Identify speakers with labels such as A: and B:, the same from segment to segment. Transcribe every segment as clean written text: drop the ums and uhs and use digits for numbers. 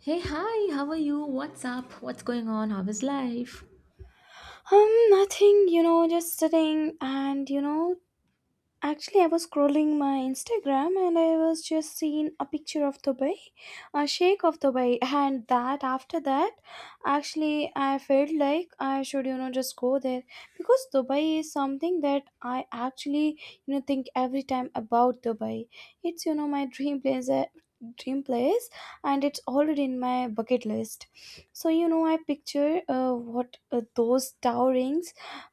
A: Hey, hi, how are you? What's up? What's going on? How is life?
B: Nothing, just sitting and, actually, I was scrolling my Instagram and I was just seeing a picture of Dubai, a shake of Dubai, and that after that, actually, I felt like I should, just go there because Dubai is something that I actually, think every time about Dubai. It's, my dream place. Dream place and it's already in my bucket list, so I picture what those towering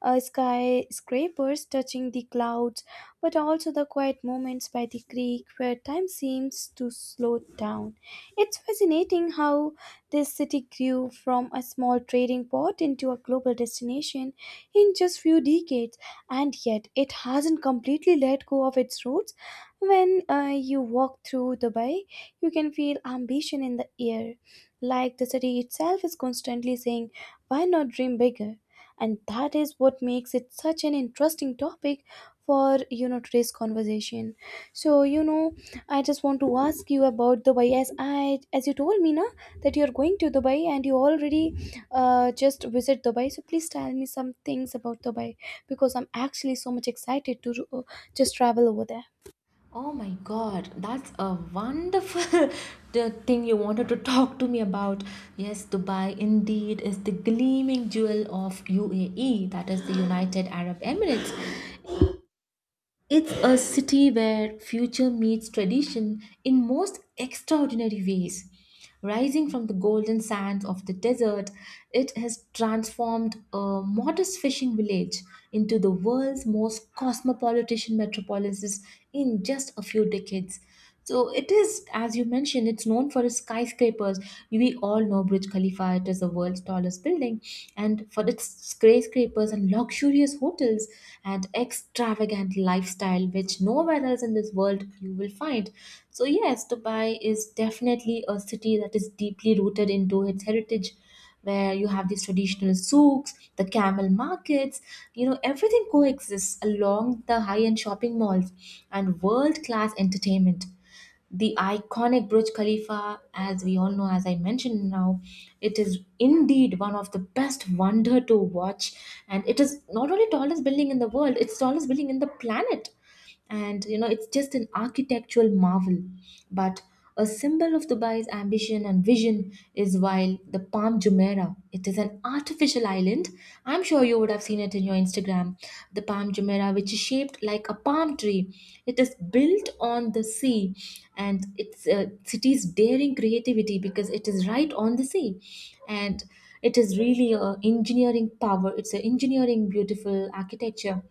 B: skyscrapers touching the clouds, but also the quiet moments by the creek where time seems to slow down. It's fascinating how this city grew from a small trading port into a global destination in just few decades, and yet it hasn't completely let go of its roots. When you walk through Dubai, you can feel ambition in the air, like the city itself is constantly saying, "Why not dream bigger?" And that is what makes it such an interesting topic for today's conversation. So I just want to ask you about Dubai, as you told me na that you're going to Dubai and you already just visit Dubai, so please tell me some things about Dubai because I'm actually so much excited to just travel over there.
A: Oh my god, that's a wonderful the thing you wanted to talk to me about. Yes, Dubai indeed is the gleaming jewel of UAE, that is the United Arab Emirates. It's a city where future meets tradition in most extraordinary ways. Rising from the golden sands of the desert, it has transformed a modest fishing village into the world's most cosmopolitan metropolis in just a few decades. So it is, as you mentioned, it's known for its skyscrapers. We all know Burj Khalifa, it is the world's tallest building, and for its skyscrapers and luxurious hotels and extravagant lifestyle, which nowhere else in this world you will find. So, yes, Dubai is definitely a city that is deeply rooted into its heritage where you have these traditional souks, the camel markets, you know, everything coexists along the high end shopping malls and world class entertainment. The iconic Burj Khalifa, as we all know, as I mentioned now, it is indeed one of the best wonder to watch, and it is not only tallest building in the world; it's tallest building in the planet. And you know it's just an architectural marvel but a symbol of Dubai's ambition and vision is while the Palm Jumeirah, it is an artificial island. I'm sure you would have seen it in your Instagram. The Palm Jumeirah, which is shaped like a palm tree, it is built on the sea, and it's a city's daring creativity because it is right on the sea. And it is really a engineering power, it's an engineering beautiful architecture.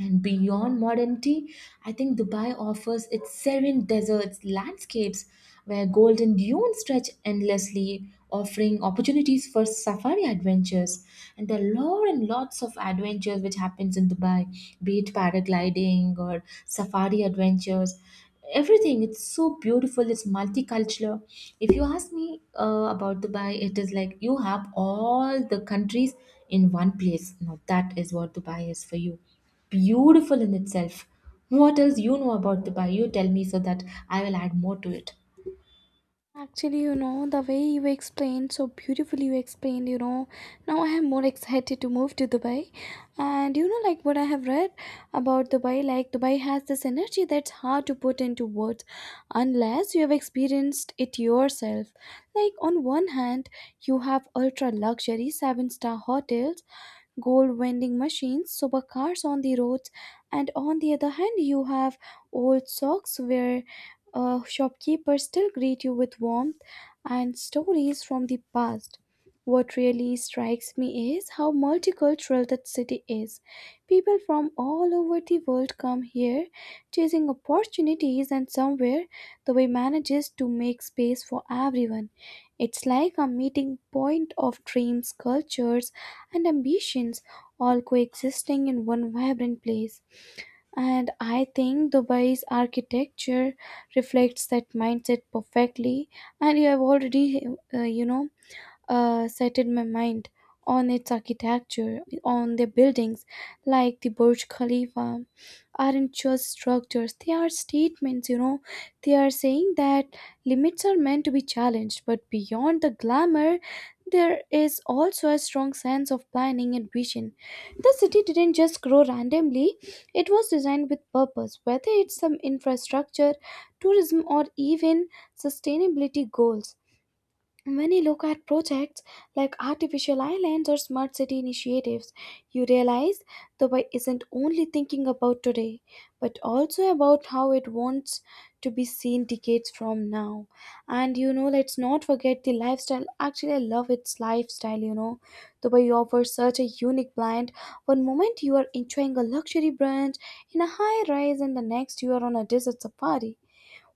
A: And beyond modernity, I think Dubai offers its serene deserts landscapes where golden dunes stretch endlessly, offering opportunities for safari adventures. And there are lot and lots of adventures which happens in Dubai, be it paragliding or safari adventures. Everything, it's so beautiful, it's multicultural. If you ask me about Dubai, it is like you have all the countries in one place. Now, that is what Dubai is for you, beautiful in itself. What else you know about the bayou? Tell me so that I will add more to it.
B: Actually, the way you explained so beautifully, you explained, now I am more excited to move to Dubai. And like what I have read about Dubai, like Dubai has this energy that's hard to put into words unless you have experienced it yourself. Like, on one hand, you have ultra luxury seven-star hotels, gold vending machines, supercars on the roads, and on the other hand, you have old socks where shopkeepers still greet you with warmth and stories from the past. What really strikes me is how multicultural that city is. People from all over the world come here chasing opportunities, and somewhere the way manages to make space for everyone. It's like a meeting point of dreams, cultures, and ambitions, all coexisting in one vibrant place. And I think Dubai's architecture reflects that mindset perfectly. And you have already, uh, you know, settled my mind on its architecture, on the buildings like the Burj Khalifa aren't just structures, they are statements, you know. They are saying that limits are meant to be challenged, but beyond the glamour, there is also a strong sense of planning and vision. The city didn't just grow randomly, it was designed with purpose, whether it's some infrastructure, tourism, or even sustainability goals. When you look at projects like artificial islands or smart city initiatives, you realize Dubai isn't only thinking about today, but also about how it wants to be seen decades from now. And let's not forget the lifestyle. Actually, I love its lifestyle, you know. Dubai offers such a unique blend. One moment you are enjoying a luxury brunch in a high rise, and the next you are on a desert safari,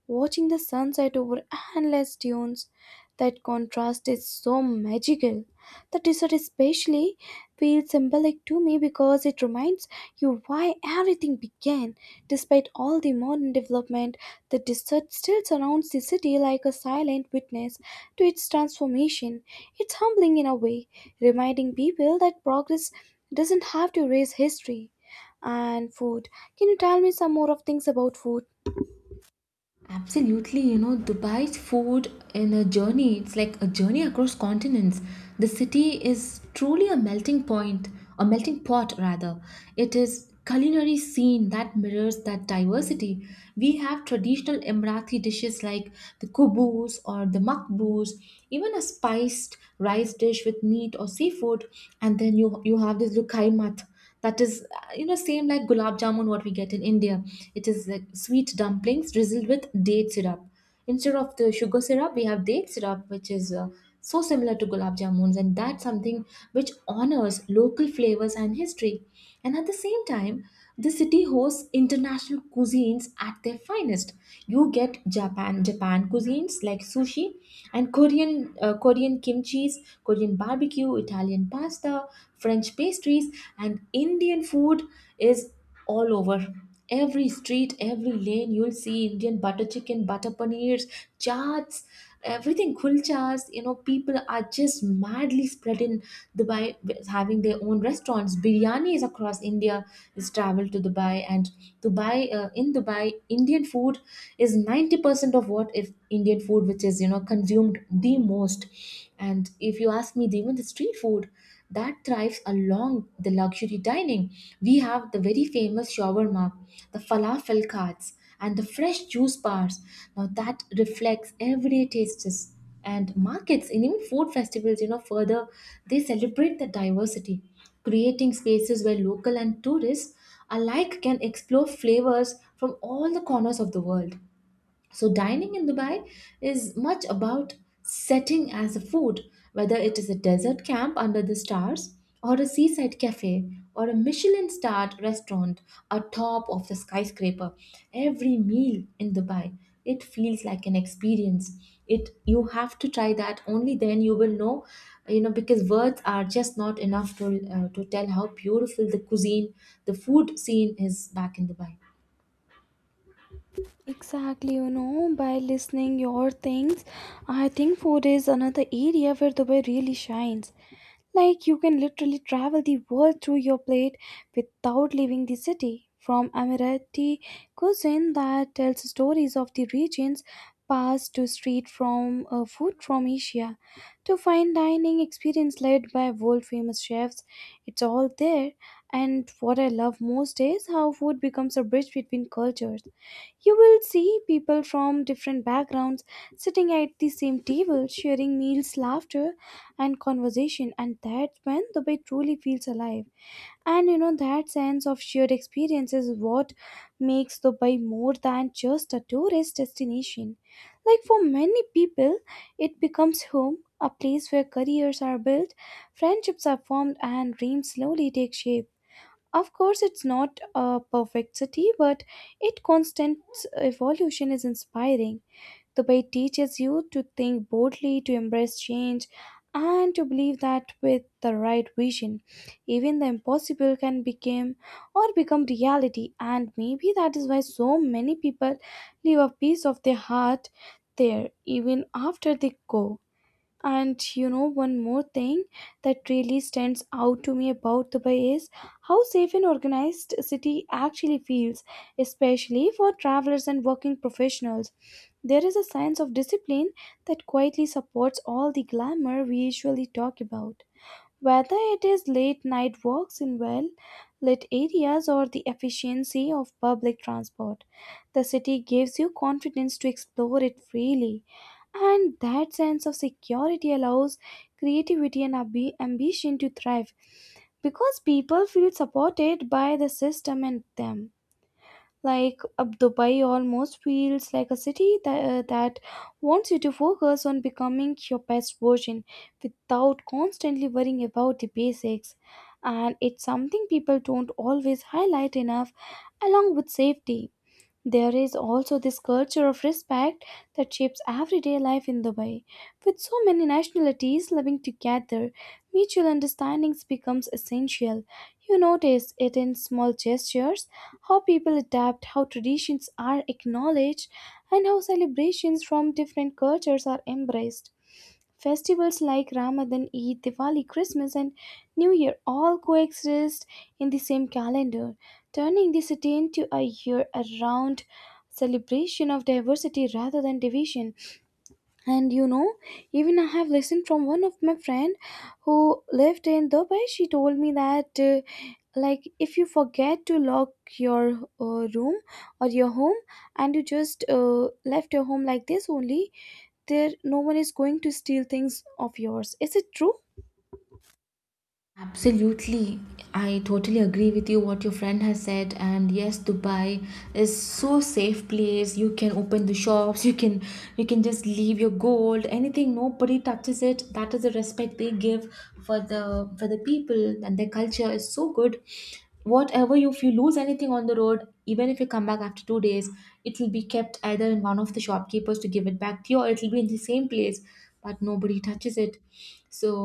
B: watching the sunset over endless dunes. That contrast is so magical. The desert especially feels symbolic to me because it reminds you why everything began. Despite all the modern development, the desert still surrounds the city like a silent witness to its transformation. It's humbling in a way, reminding people that progress doesn't have to erase history. And food. Can you tell me some more of things about food?
A: Absolutely, you know, Dubai's food in a journey, it's like a journey across continents. The city is truly a melting point, a melting pot rather. It is culinary scene that mirrors that diversity. We have traditional Emirati dishes like the kubus or the makbous, even a spiced rice dish with meat or seafood, and then you have this lukaimat that is you know, same like gulab jamun what we get in India. It is like sweet dumplings drizzled with date syrup instead of the sugar syrup. We have date syrup which is so similar to gulab jamuns, and that's something which honors local flavors and history. And at the same time, the city hosts international cuisines at their finest. You get Japan cuisines like sushi, and Korean, Korean kimchi's, Korean barbecue, Italian pasta, French pastries, and Indian food is all over. Every street, every lane, you'll see Indian butter chicken, butter paneers, chaats, everything, kulchas. You know, people are just madly spread in Dubai, with having their own restaurants. Biryanis across India is traveled to Dubai, and Dubai, in Dubai, Indian food is 90% of what is Indian food, which is, you know, consumed the most. And if you ask me, even the street food that thrives along the luxury dining. We have the very famous shawarma, the falafel carts, and the fresh juice bars. Now that reflects everyday tastes and markets and even food festivals, you know, further they celebrate the diversity, creating spaces where local and tourists alike can explore flavors from all the corners of the world. So, dining in Dubai is much about setting as a food, whether it is a desert camp under the stars, or a seaside cafe, or a Michelin starred restaurant atop of the skyscraper. Every meal in Dubai, it feels like an experience. It, you have to try that only then you will know, you know, because words are just not enough to tell how beautiful the cuisine, the food scene is back in Dubai.
B: Exactly, by listening your things, I think food is another area where Dubai really shines. Like you can literally travel the world through your plate without leaving the city. From Emirati cuisine that tells stories of the region's past, to street from food from Asia, to fine dining experience led by world famous chefs, it's all there. And what I love most is how food becomes a bridge between cultures. You will see people from different backgrounds sitting at the same table, sharing meals, laughter, and conversation, and that's when the bay truly feels alive. And that sense of shared experience is what makes Dubai more than just a tourist destination. Like for many people, it becomes home, a place where careers are built, friendships are formed, and dreams slowly take shape. Of course, it's not a perfect city, but its constant evolution is inspiring. The Bay teaches you to think boldly, to embrace change, and to believe that with the right vision, even the impossible can become or become reality. And maybe that is why so many people leave a piece of their heart there even after they go. And one more thing that really stands out to me about Dubai is how safe and organized city actually feels, especially for travelers and working professionals. There is a sense of discipline that quietly supports all the glamour we usually talk about. Whether it is late night walks in well lit areas or the efficiency of public transport, the city gives you confidence to explore it freely. And that sense of security allows creativity and ambition to thrive because people feel supported by the system and them. Like Dubai almost feels like a city that wants you to focus on becoming your best version without constantly worrying about the basics. And it's something people don't always highlight enough. Along with safety, there is also this culture of respect that shapes everyday life in Dubai. With so many nationalities living together, mutual understandings becomes essential. You notice it in small gestures, how people adapt, how traditions are acknowledged, and how celebrations from different cultures are embraced. Festivals like Ramadan, Eid, Diwali, Christmas, and New Year all coexist in the same calendar, turning the city into a year around celebration of diversity rather than division. And even I have listened from one of my friend who lived in Dubai. She told me that like if you forget to lock your room or your home, and you just left your home like this only, there no one is going to steal things of yours. Is it true?
A: Absolutely. I totally agree with you what your friend has said, and yes, Dubai is so safe place. You can open the shops, you can, you can just leave your gold, anything, nobody touches it. That is the respect they give for the, for the people, and their culture is so good. Whatever you, if you lose anything on the road, even if you come back after 2 days, it will be kept either in one of the shopkeepers to give it back to you, or it will be in the same place, but nobody touches it. So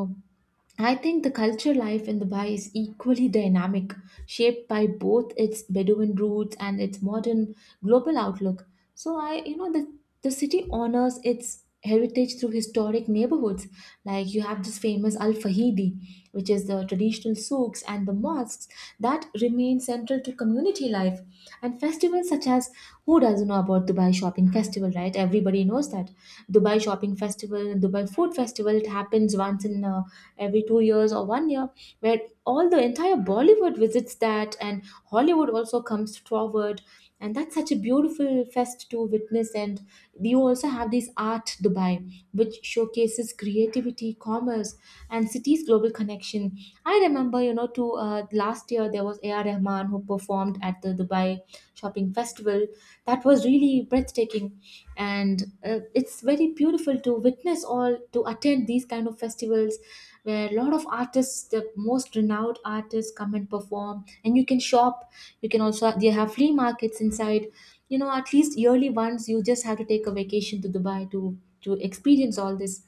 A: I think the culture life in Dubai is equally dynamic, shaped by both its Bedouin roots and its modern global outlook. So I, you know, the city honors its heritage through historic neighborhoods. Like you have this famous Al Fahidi, which is the traditional souks and the mosques that remain central to community life. And festivals such as, who doesn't know about Dubai Shopping Festival, right? Everybody knows that Dubai Shopping Festival and Dubai Food Festival. It happens once in every 2 years or one year, where all the entire Bollywood visits that, and Hollywood also comes forward. And that's such a beautiful fest to witness. And you also have these Art Dubai, which showcases creativity, commerce, and city's global connection. I remember, you know, to last year there was A.R. Rahman who performed at the Dubai Shopping Festival. That was really breathtaking, and it's very beautiful to witness all to attend these kind of festivals where a lot of artists, the most renowned artists come and perform, and you can shop. You can also, they have flea markets inside, you know. At least yearly once you just have to take a vacation to Dubai to experience all this.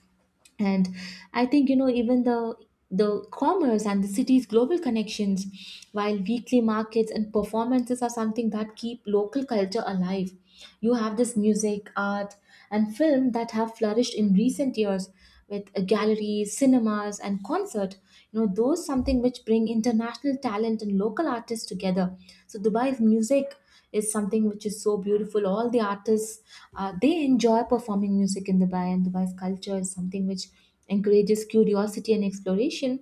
A: And I think, you know, even the commerce and the city's global connections, while weekly markets and performances are something that keep local culture alive. You have this music, art, and film that have flourished in recent years, with galleries, cinemas, and concert, you know, those something which bring international talent and local artists together. So Dubai's music is something which is so beautiful. All the artists, they enjoy performing music in Dubai, and Dubai's culture is something which encourages curiosity and exploration.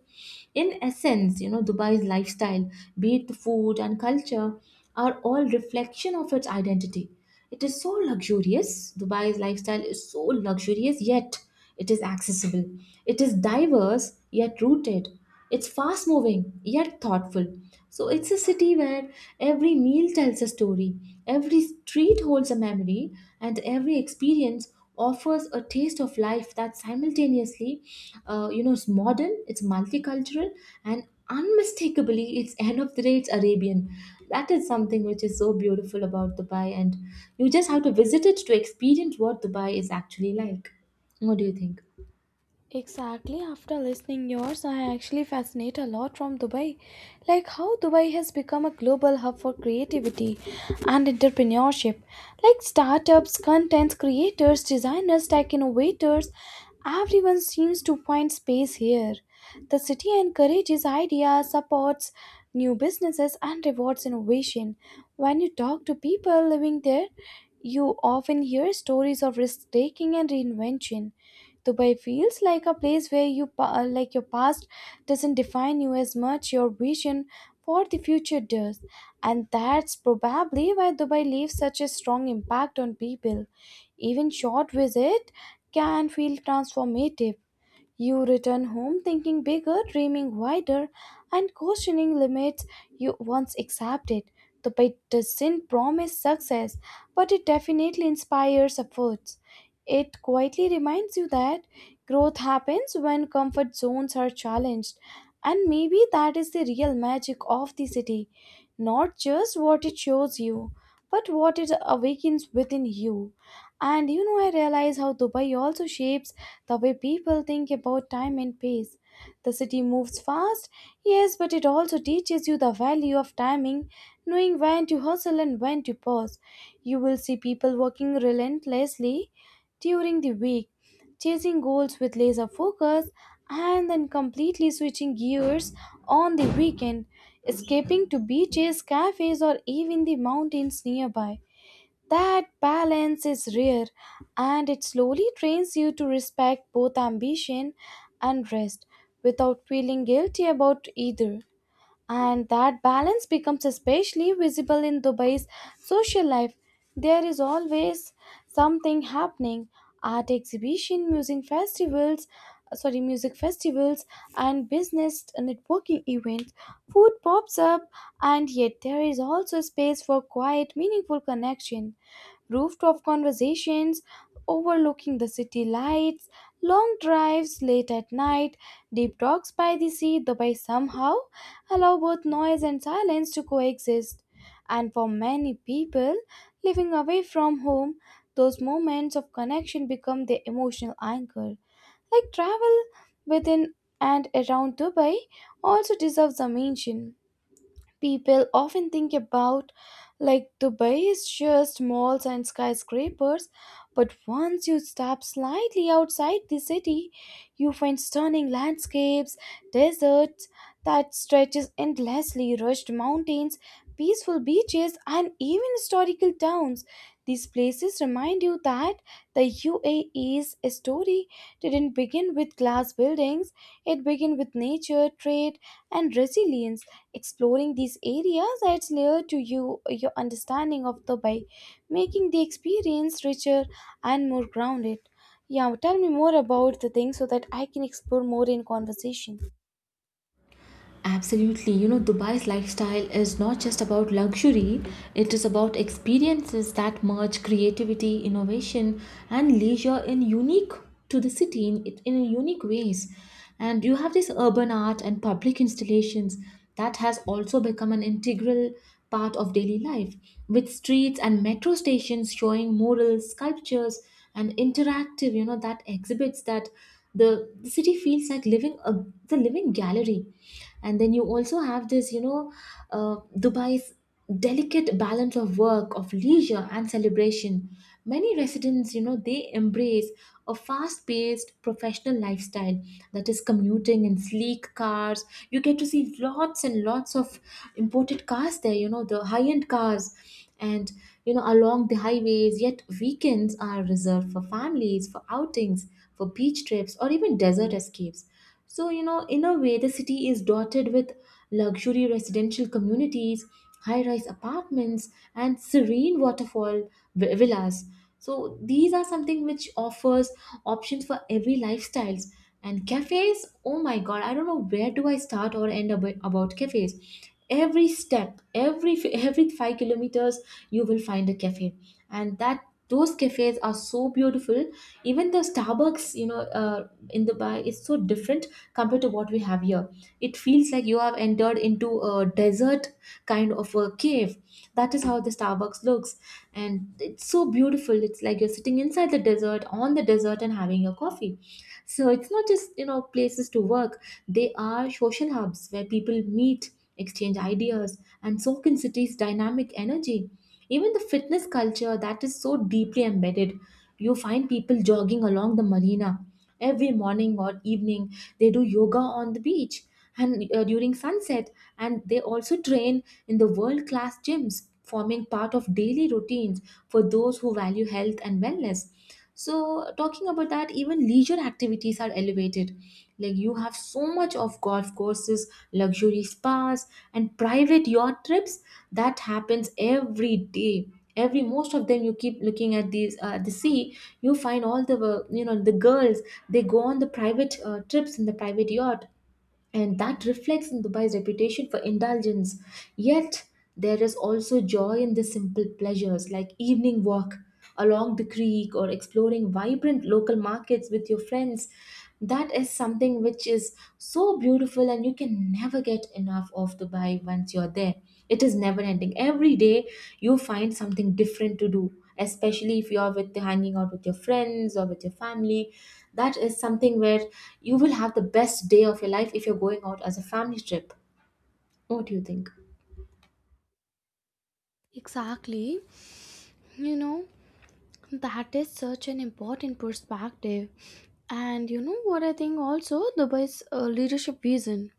A: In essence, you know, Dubai's lifestyle, be it the food and culture, are all reflection of its identity. It is so luxurious. Dubai's lifestyle is so luxurious, yet it is accessible. It is diverse, yet rooted. It's fast moving, yet thoughtful. So it's a city where every meal tells a story, every street holds a memory, and every experience offers a taste of life that simultaneously, you know, is modern, it's multicultural, and unmistakably, it's end of the day, it's Arabian. That is something which is so beautiful about Dubai, and you just have to visit it to experience what Dubai is actually like. What do you think?
B: Exactly. After listening yours, I actually fascinate a lot from Dubai, like how Dubai has become a global hub for creativity and entrepreneurship, like startups, content creators, designers, tech innovators. Everyone seems to find space here. The city encourages ideas, supports new businesses, and rewards innovation. When you talk to people living there, you often hear stories of risk taking and reinvention. Dubai feels like a place where like your past doesn't define you as much your vision for the future does. And that's probably why Dubai leaves such a strong impact on people. Even short visit can feel transformative. You return home thinking bigger, dreaming wider, and questioning limits you once accepted. Dubai doesn't promise success, but it definitely inspires efforts. It quietly reminds you that growth happens when comfort zones are challenged. And maybe that is the real magic of the city. Not just what it shows you, but what it awakens within you. And I realize how Dubai also shapes the way people think about time and pace. The city moves fast, yes, but it also teaches you the value of timing, knowing when to hustle and when to pause. You will see people working relentlessly during the week, chasing goals with laser focus, and then completely switching gears on the weekend, escaping to beaches, cafes, or even the mountains nearby. That balance is rare, and it slowly trains you to respect both ambition and rest without feeling guilty about either. And that balance becomes especially visible in Dubai's social life. There is always something happening: art exhibition, music festivals, and business networking events. Food pops up, and yet there is also space for quiet, meaningful connection: rooftop conversations overlooking the city lights, long drives late at night, deep talks by the sea. Dubai somehow allow both noise and silence to coexist. And for many people living away from home, those moments of connection become their emotional anchor. Like travel within and around Dubai also deserves a mention. People often think about like Dubai is just malls and skyscrapers, but once you step slightly outside the city, you find stunning landscapes: deserts that stretches endlessly, rushed mountains, peaceful beaches, and even historical towns. These places remind you that the UAE's story didn't begin with glass buildings, it began with nature, trade, and resilience. Exploring these areas adds layer to you your understanding of Dubai, making the experience richer and more grounded. Yeah, tell me more about the thing so that I can explore more in conversation.
A: Absolutely. You know, Dubai's lifestyle is not just about luxury, it is about experiences that merge creativity, innovation, and leisure in unique to the city in unique ways. And you have this urban art and public installations that has also become an integral part of daily life, with streets and metro stations showing murals, sculptures, and interactive, you know, that exhibits that the city feels like living a, the living gallery. And then you also have this, you know, Dubai's delicate balance of work, of leisure and celebration. Many residents, you know, they embrace a fast paced professional lifestyle, that is commuting in sleek cars. You get to see lots and lots of imported cars there, you know, the high end cars, and you know, along the highways, yet weekends are reserved for families, for outings, for beach trips or even desert escapes. So you know, in a way, the city is dotted with luxury residential communities, high rise apartments, and serene waterfall villas. So these are something which offers options for every lifestyles. And cafes, oh my god, I don't know where do I start or end about cafes. Every step, every 5 kilometers, you will find a cafe, and that, those cafes are so beautiful. Even the Starbucks, you know, in Dubai is so different compared to what we have here. It feels like you have entered into a desert kind of a cave. That is how the Starbucks looks, and it's so beautiful. It's like you're sitting inside the desert, on the desert, and having your coffee. So it's not just, you know, places to work. They are social hubs where people meet, exchange ideas, and soak in cities' dynamic energy. Even the fitness culture that is so deeply embedded. You find people jogging along the marina every morning or evening. They do yoga on the beach and during sunset, and they also train in the world class gyms, forming part of daily routines for those who value health and wellness. So, talking about that, even leisure activities are elevated. Like you have so much of golf courses, luxury spas, and private yacht trips that happens every day. Every most of them, you keep looking at these the sea. You find all the you know the girls. They go on the private trips in the private yacht and that reflects in Dubai's reputation for indulgence. Yet, there is also joy in the simple pleasures like evening walk along the creek or exploring vibrant local markets with your friends. That is something which is so beautiful, and you can never get enough of Dubai once you're there. It is never ending. Every day you find something different to do, especially if you're with hanging out with your friends or with your family, that is something where you will have the best day of your life if you're going out as a family trip. What do you think?
B: Exactly. You know, that is such an important perspective. And you know what, I think also Dubai's leadership vision,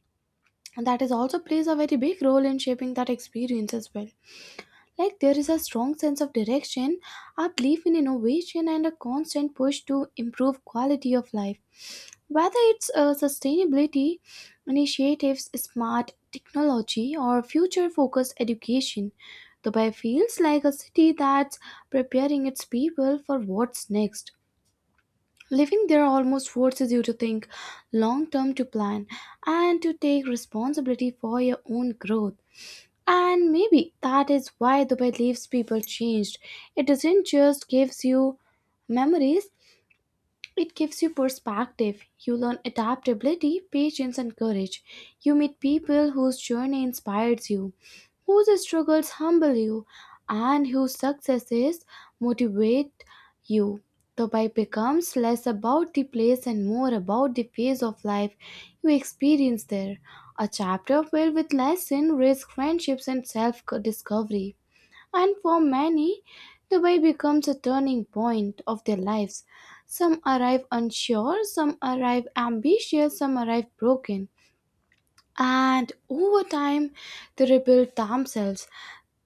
B: and that is also plays a very big role in shaping that experience as well. Like there is a strong sense of direction, a belief in innovation, and a constant push to improve quality of life. Whether it's sustainability initiatives, smart technology, or future focused education, Dubai feels like a city that's preparing its people for what's next. Living there almost forces you to think long term, to plan, and to take responsibility for your own growth. And maybe that is why the beliefs people changed. It doesn't just gives you memories, it gives you perspective. You learn adaptability, patience, and courage. You meet people whose journey inspires you, whose struggles humble you, and whose successes motivate you. The Bible becomes less about the place and more about the phase of life you experience there. A chapter filled with lessons, risk, friendships, and self discovery. And for many, Dubai becomes a turning point of their lives. Some arrive unsure, some arrive ambitious, some arrive broken. And over time, they rebuild themselves.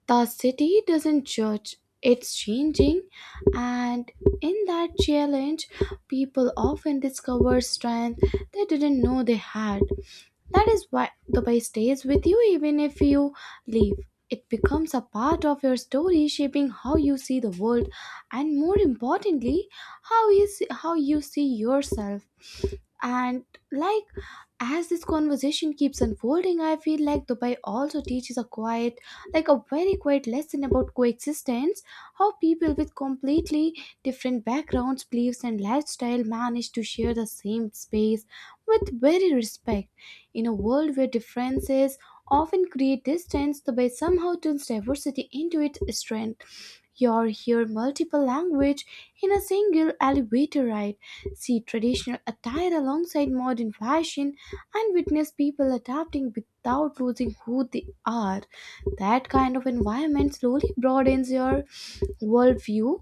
B: The city doesn't judge, it's changing. And in that challenge, people often discover strength they didn't know they had. That is why Dubai stays with you even if you leave. It becomes a part of your story, shaping how you see the world and, more importantly, how you see yourself. And, like, as this conversation keeps unfolding, I feel like Dubai also teaches a quiet, like a very quiet lesson about coexistence, how people with completely different backgrounds, beliefs, and lifestyle manage to share the same space with very respect. In a world where differences often create distance, the West somehow turns diversity into its strength. You hear multiple language in a single elevator ride, see traditional attire alongside modern fashion, and witness people adapting without losing who they are. That kind of environment slowly broadens your worldview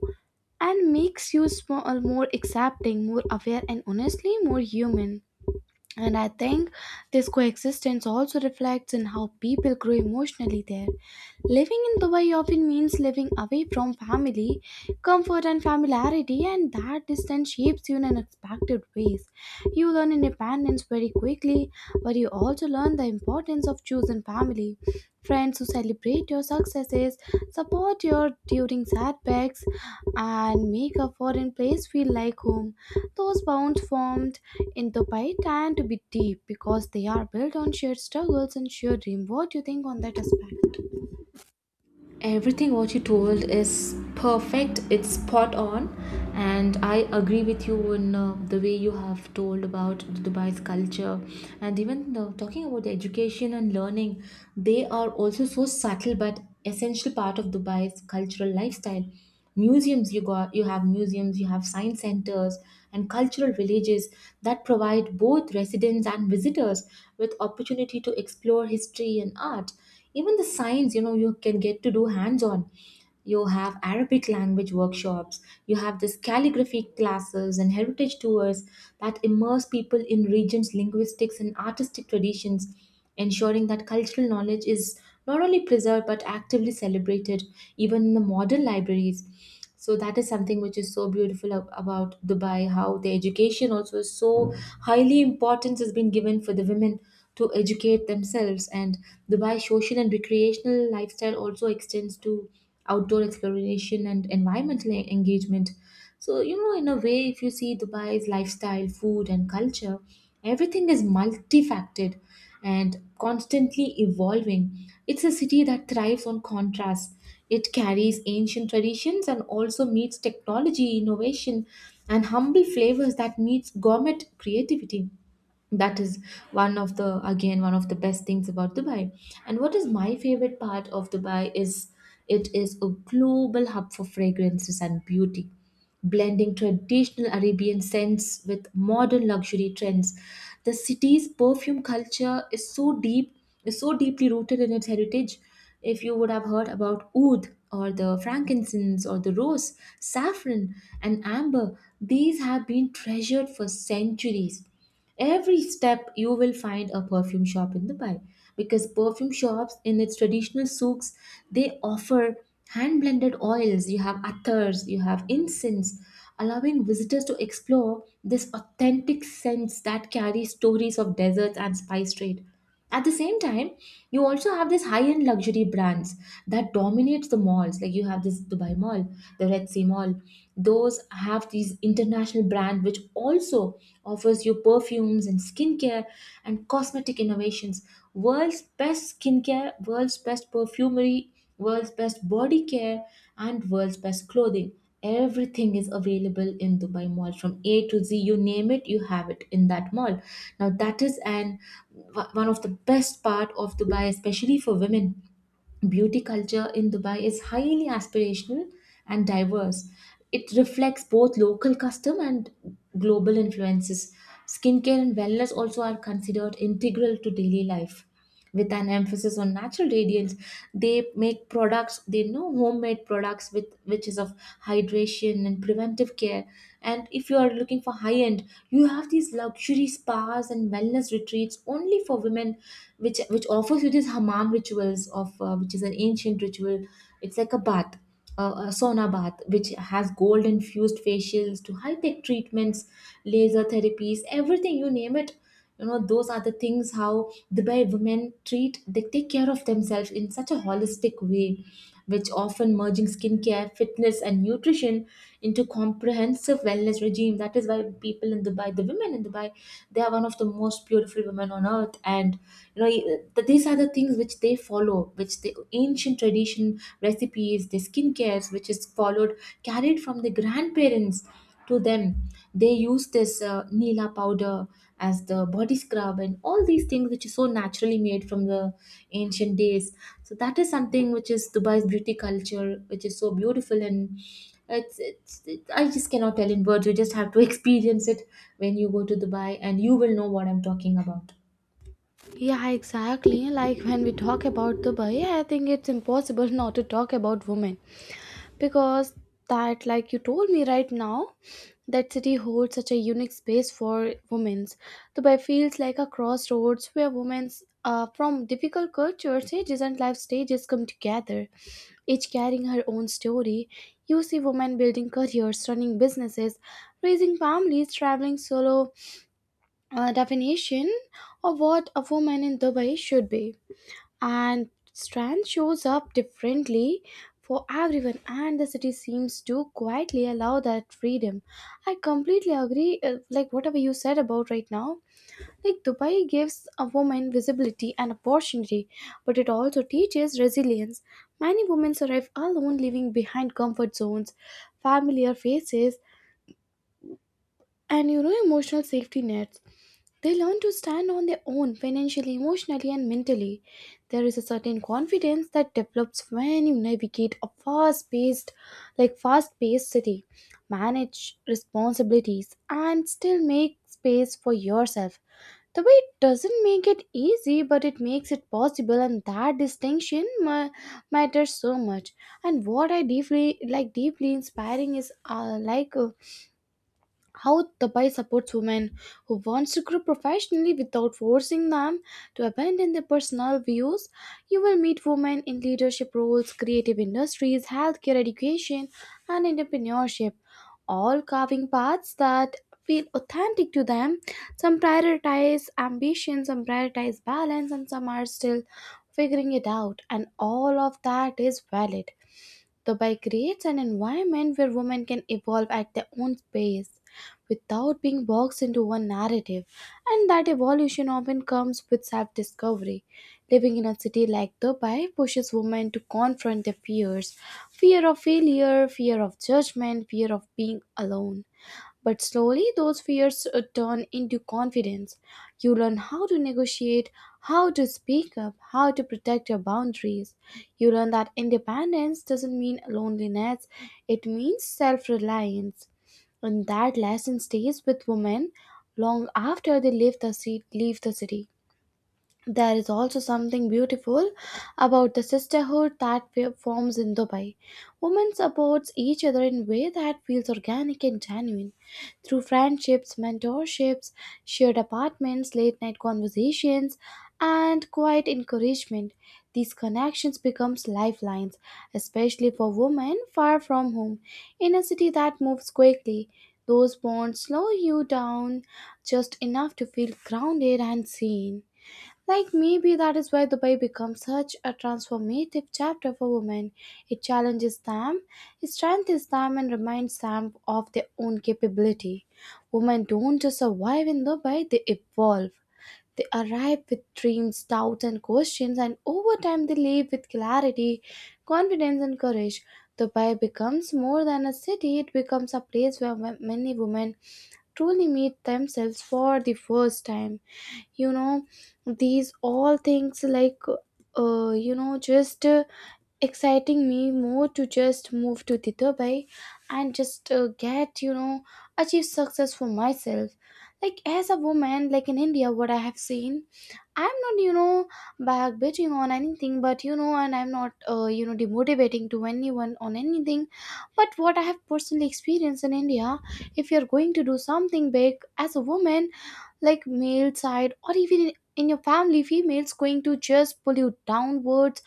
B: and makes you small, more accepting, more aware, and honestly more human. And I think this coexistence also reflects in how people grow emotionally there. Living in Dubai often means living away from family, comfort, and familiarity, and that distance shapes you in unexpected ways. You learn independence very quickly, but you also learn the importance of choosing family. Friends who celebrate your successes, support you during setbacks, and make a foreign place feel like home. Those bonds formed in Dubai tend to be deep because they are built on shared struggles and shared dream. What do you think on that aspect?
A: Everything what you told is perfect. It's spot on, and I agree with you in the way you have told about Dubai's culture, and even talking about the education and learning. They are also so subtle but essential part of Dubai's cultural lifestyle. Museums you got, you have museums, you have science centers and cultural villages that provide both residents and visitors with opportunity to explore history and art, even the science. You know, you can get to do hands on. You have Arabic language workshops, you have this calligraphy classes and heritage tours that immerse people in regions linguistics and artistic traditions, ensuring that cultural knowledge is not only preserved but actively celebrated even in the modern libraries. So that is something which is so beautiful about Dubai, how the education also is so highly importance has been given for the women to educate themselves. And Dubai social and recreational lifestyle also extends to outdoor exploration and environmental engagement. So, you know, in a way, if you see Dubai's lifestyle, food, and culture, everything is multifaceted and constantly evolving. It's a city that thrives on contrast. It carries ancient traditions and also meets technology, innovation, and humble flavors that meets gourmet creativity. That is one of the, again, one of the best things about Dubai. And what is my favorite part of Dubai is it is a global hub for fragrances and beauty, blending traditional Arabian scents with modern luxury trends. The city's perfume culture is so deep, is so deeply rooted in its heritage. If you would have heard about oud or the frankincense or the rose, saffron and amber, these have been treasured for centuries. Every step you will find a perfume shop in Dubai, because perfume shops in its traditional souks, they offer hand blended oils, you have attars, you have incense, allowing visitors to explore this authentic scents that carry stories of deserts and spice trade. At the same time, you also have these high-end luxury brands that dominates the malls, like you have this Dubai Mall, the Red Sea Mall. Those have these international brand which also offers you perfumes and skincare and cosmetic innovations. World's best skincare, world's best perfumery, world's best body care, and world's best clothing, everything is available in Dubai Mall. From A to Z, you name it, you have it in that mall. Now that is an one of the best part of Dubai, especially for women. Beauty culture in Dubai is highly aspirational and diverse. It reflects both local custom and global influences. Skincare and wellness also are considered integral to daily life. With an emphasis on natural radiance, they make products, they know homemade products with which is of hydration and preventive care. And if you are looking for high end, you have these luxury spas and wellness retreats only for women, which offers you this Hammam rituals of which is an ancient ritual. It's like a bath, a sauna bath, which has gold infused facials to high tech treatments, laser therapies, everything you name it. You know, those are the things how Dubai women treat. They take care of themselves in such a holistic way, which often merging skincare, fitness, and nutrition into comprehensive wellness regime. That is why people in Dubai, the women in Dubai, they are one of the most beautiful women on earth. And you know, these are the things which they follow, which the ancient tradition recipes, the skincares, which is followed, carried from the grandparents to them. They use this nila powder as the body scrub and all these things which is so naturally made from the ancient days. So that is something which is Dubai's beauty culture, which is so beautiful. And I just cannot tell in words, you just have to experience it when you go to Dubai, and you will know what I'm talking about.
B: Yeah, exactly. Like when we talk about Dubai, I think it's impossible not to talk about women because that, like you told me right now, that city holds such a unique space for women's. Dubai feels like a crossroads where women's from difficult cultures, ages, and life stages come together, each carrying her own story. You see women building careers, running businesses, raising families, traveling solo, definition of what a woman in Dubai should be. And strength shows up differently for everyone, and the city seems to quietly allow that freedom. I completely agree, like whatever you said about right now. Like Dubai gives a woman visibility and opportunity, but it also teaches resilience. Many women survive alone, leaving behind comfort zones, familiar faces, and you know, emotional safety nets. They learn to stand on their own financially, emotionally, and mentally. There is a certain confidence that develops when you navigate a fast-paced city, manage responsibilities, and still make space for yourself. The way it doesn't make it easy, but it makes it possible, and that distinction matters so much. And what I deeply like, deeply inspiring is how Dubai supports women who wants to grow professionally without forcing them to abandon their personal views. You will meet women in leadership roles, creative industries, healthcare, education, and entrepreneurship, all carving paths that feel authentic to them. Some prioritize ambition, some prioritize balance, and some are still figuring it out, and all of that is valid. The by creates an environment where women can evolve at their own pace without being boxed into one narrative, and that evolution often comes with self discovery. Living in a city like Dubai pushes women to confront their fears fear of failure, fear of judgment, fear of being alone but slowly, those fears turn into confidence. You learn how to negotiate, how to speak up, how to protect your boundaries. You learn that independence doesn't mean loneliness, it means self reliance. And that lesson stays with women long after they leave the city. There is also something beautiful about the sisterhood that forms in Dubai. Women support each other in a way that feels organic and genuine. Through friendships, mentorships, shared apartments, late night conversations, and quiet encouragement, these connections become lifelines, especially for women far from home. In a city that moves quickly, those bonds slow you down just enough to feel grounded and seen. Like maybe that is why Dubai becomes such a transformative chapter for women. It challenges them, it strengthens them, and reminds them of their own capability. Women don't just survive in Dubai, they evolve. They arrive with dreams, doubts, and questions, and over time they leave with clarity, confidence, and courage. Dubai becomes more than a city, it becomes a place where many women truly meet themselves for the first time. You know, these all things, like you know just exciting me more to just move to the Dubai and just get, you know, achieve success for myself. Like as a woman, like in India, what I have seen, I'm not, you know, back bitching on anything, but you know, and I'm not you know, demotivating to anyone on anything, but what I have personally experienced in India, if you're going to do something big as a woman, like male side or even in your family, females going to just pull you downwards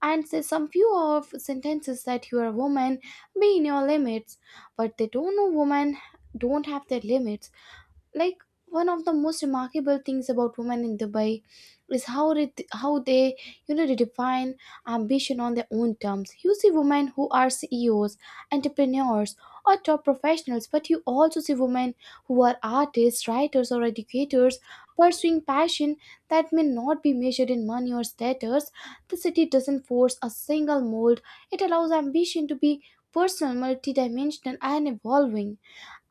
B: and say some few of sentences that you are a woman, be in your limits. But they don't know women don't have their limits. Like one of the most remarkable things about women in Dubai is how they you know redefine ambition on their own terms. You see women who are CEOs, entrepreneurs, or top professionals, but you also see women who are artists, writers, or educators pursuing passion that may not be measured in money or status. The city doesn't force a single mold, it allows ambition to be personal, multidimensional, and evolving.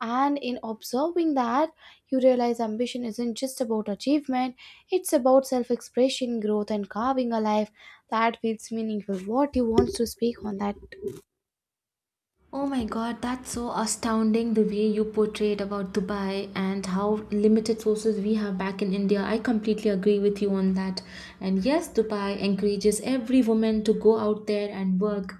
B: And in observing that, you realize ambition isn't just about achievement, it's about self expression, growth, and carving a life that feels meaningful. What you want to speak on that?
A: Oh my god, that's so astounding the way you portrayed about Dubai and how limited sources we have back in India. I completely agree with you on that. And yes, Dubai encourages every woman to go out there and work.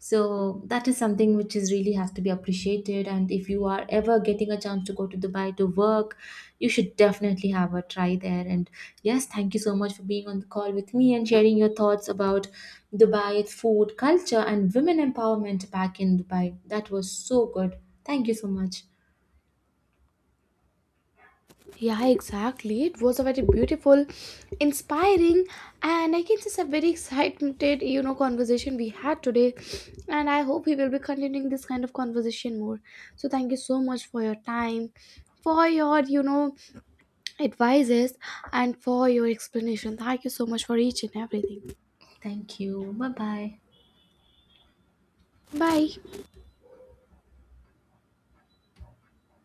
A: So that is something which is really has to be appreciated related. And if you are ever getting a chance to go to Dubai to work, you should definitely have a try there. And yes, thank you so much for being on the call with me and sharing your thoughts about Dubai, its food culture, and women empowerment back in Dubai. That was so good. Thank you so much.
B: Yeah, exactly. It was a very beautiful, inspiring, and I can just a very excited, you know, conversation we had today. And I hope we will be continuing this kind of conversation more. So, thank you so much for your time, for your, you know, advices and for your explanation. Thank you so much for each and everything.
A: Thank you, bye bye.
B: Bye.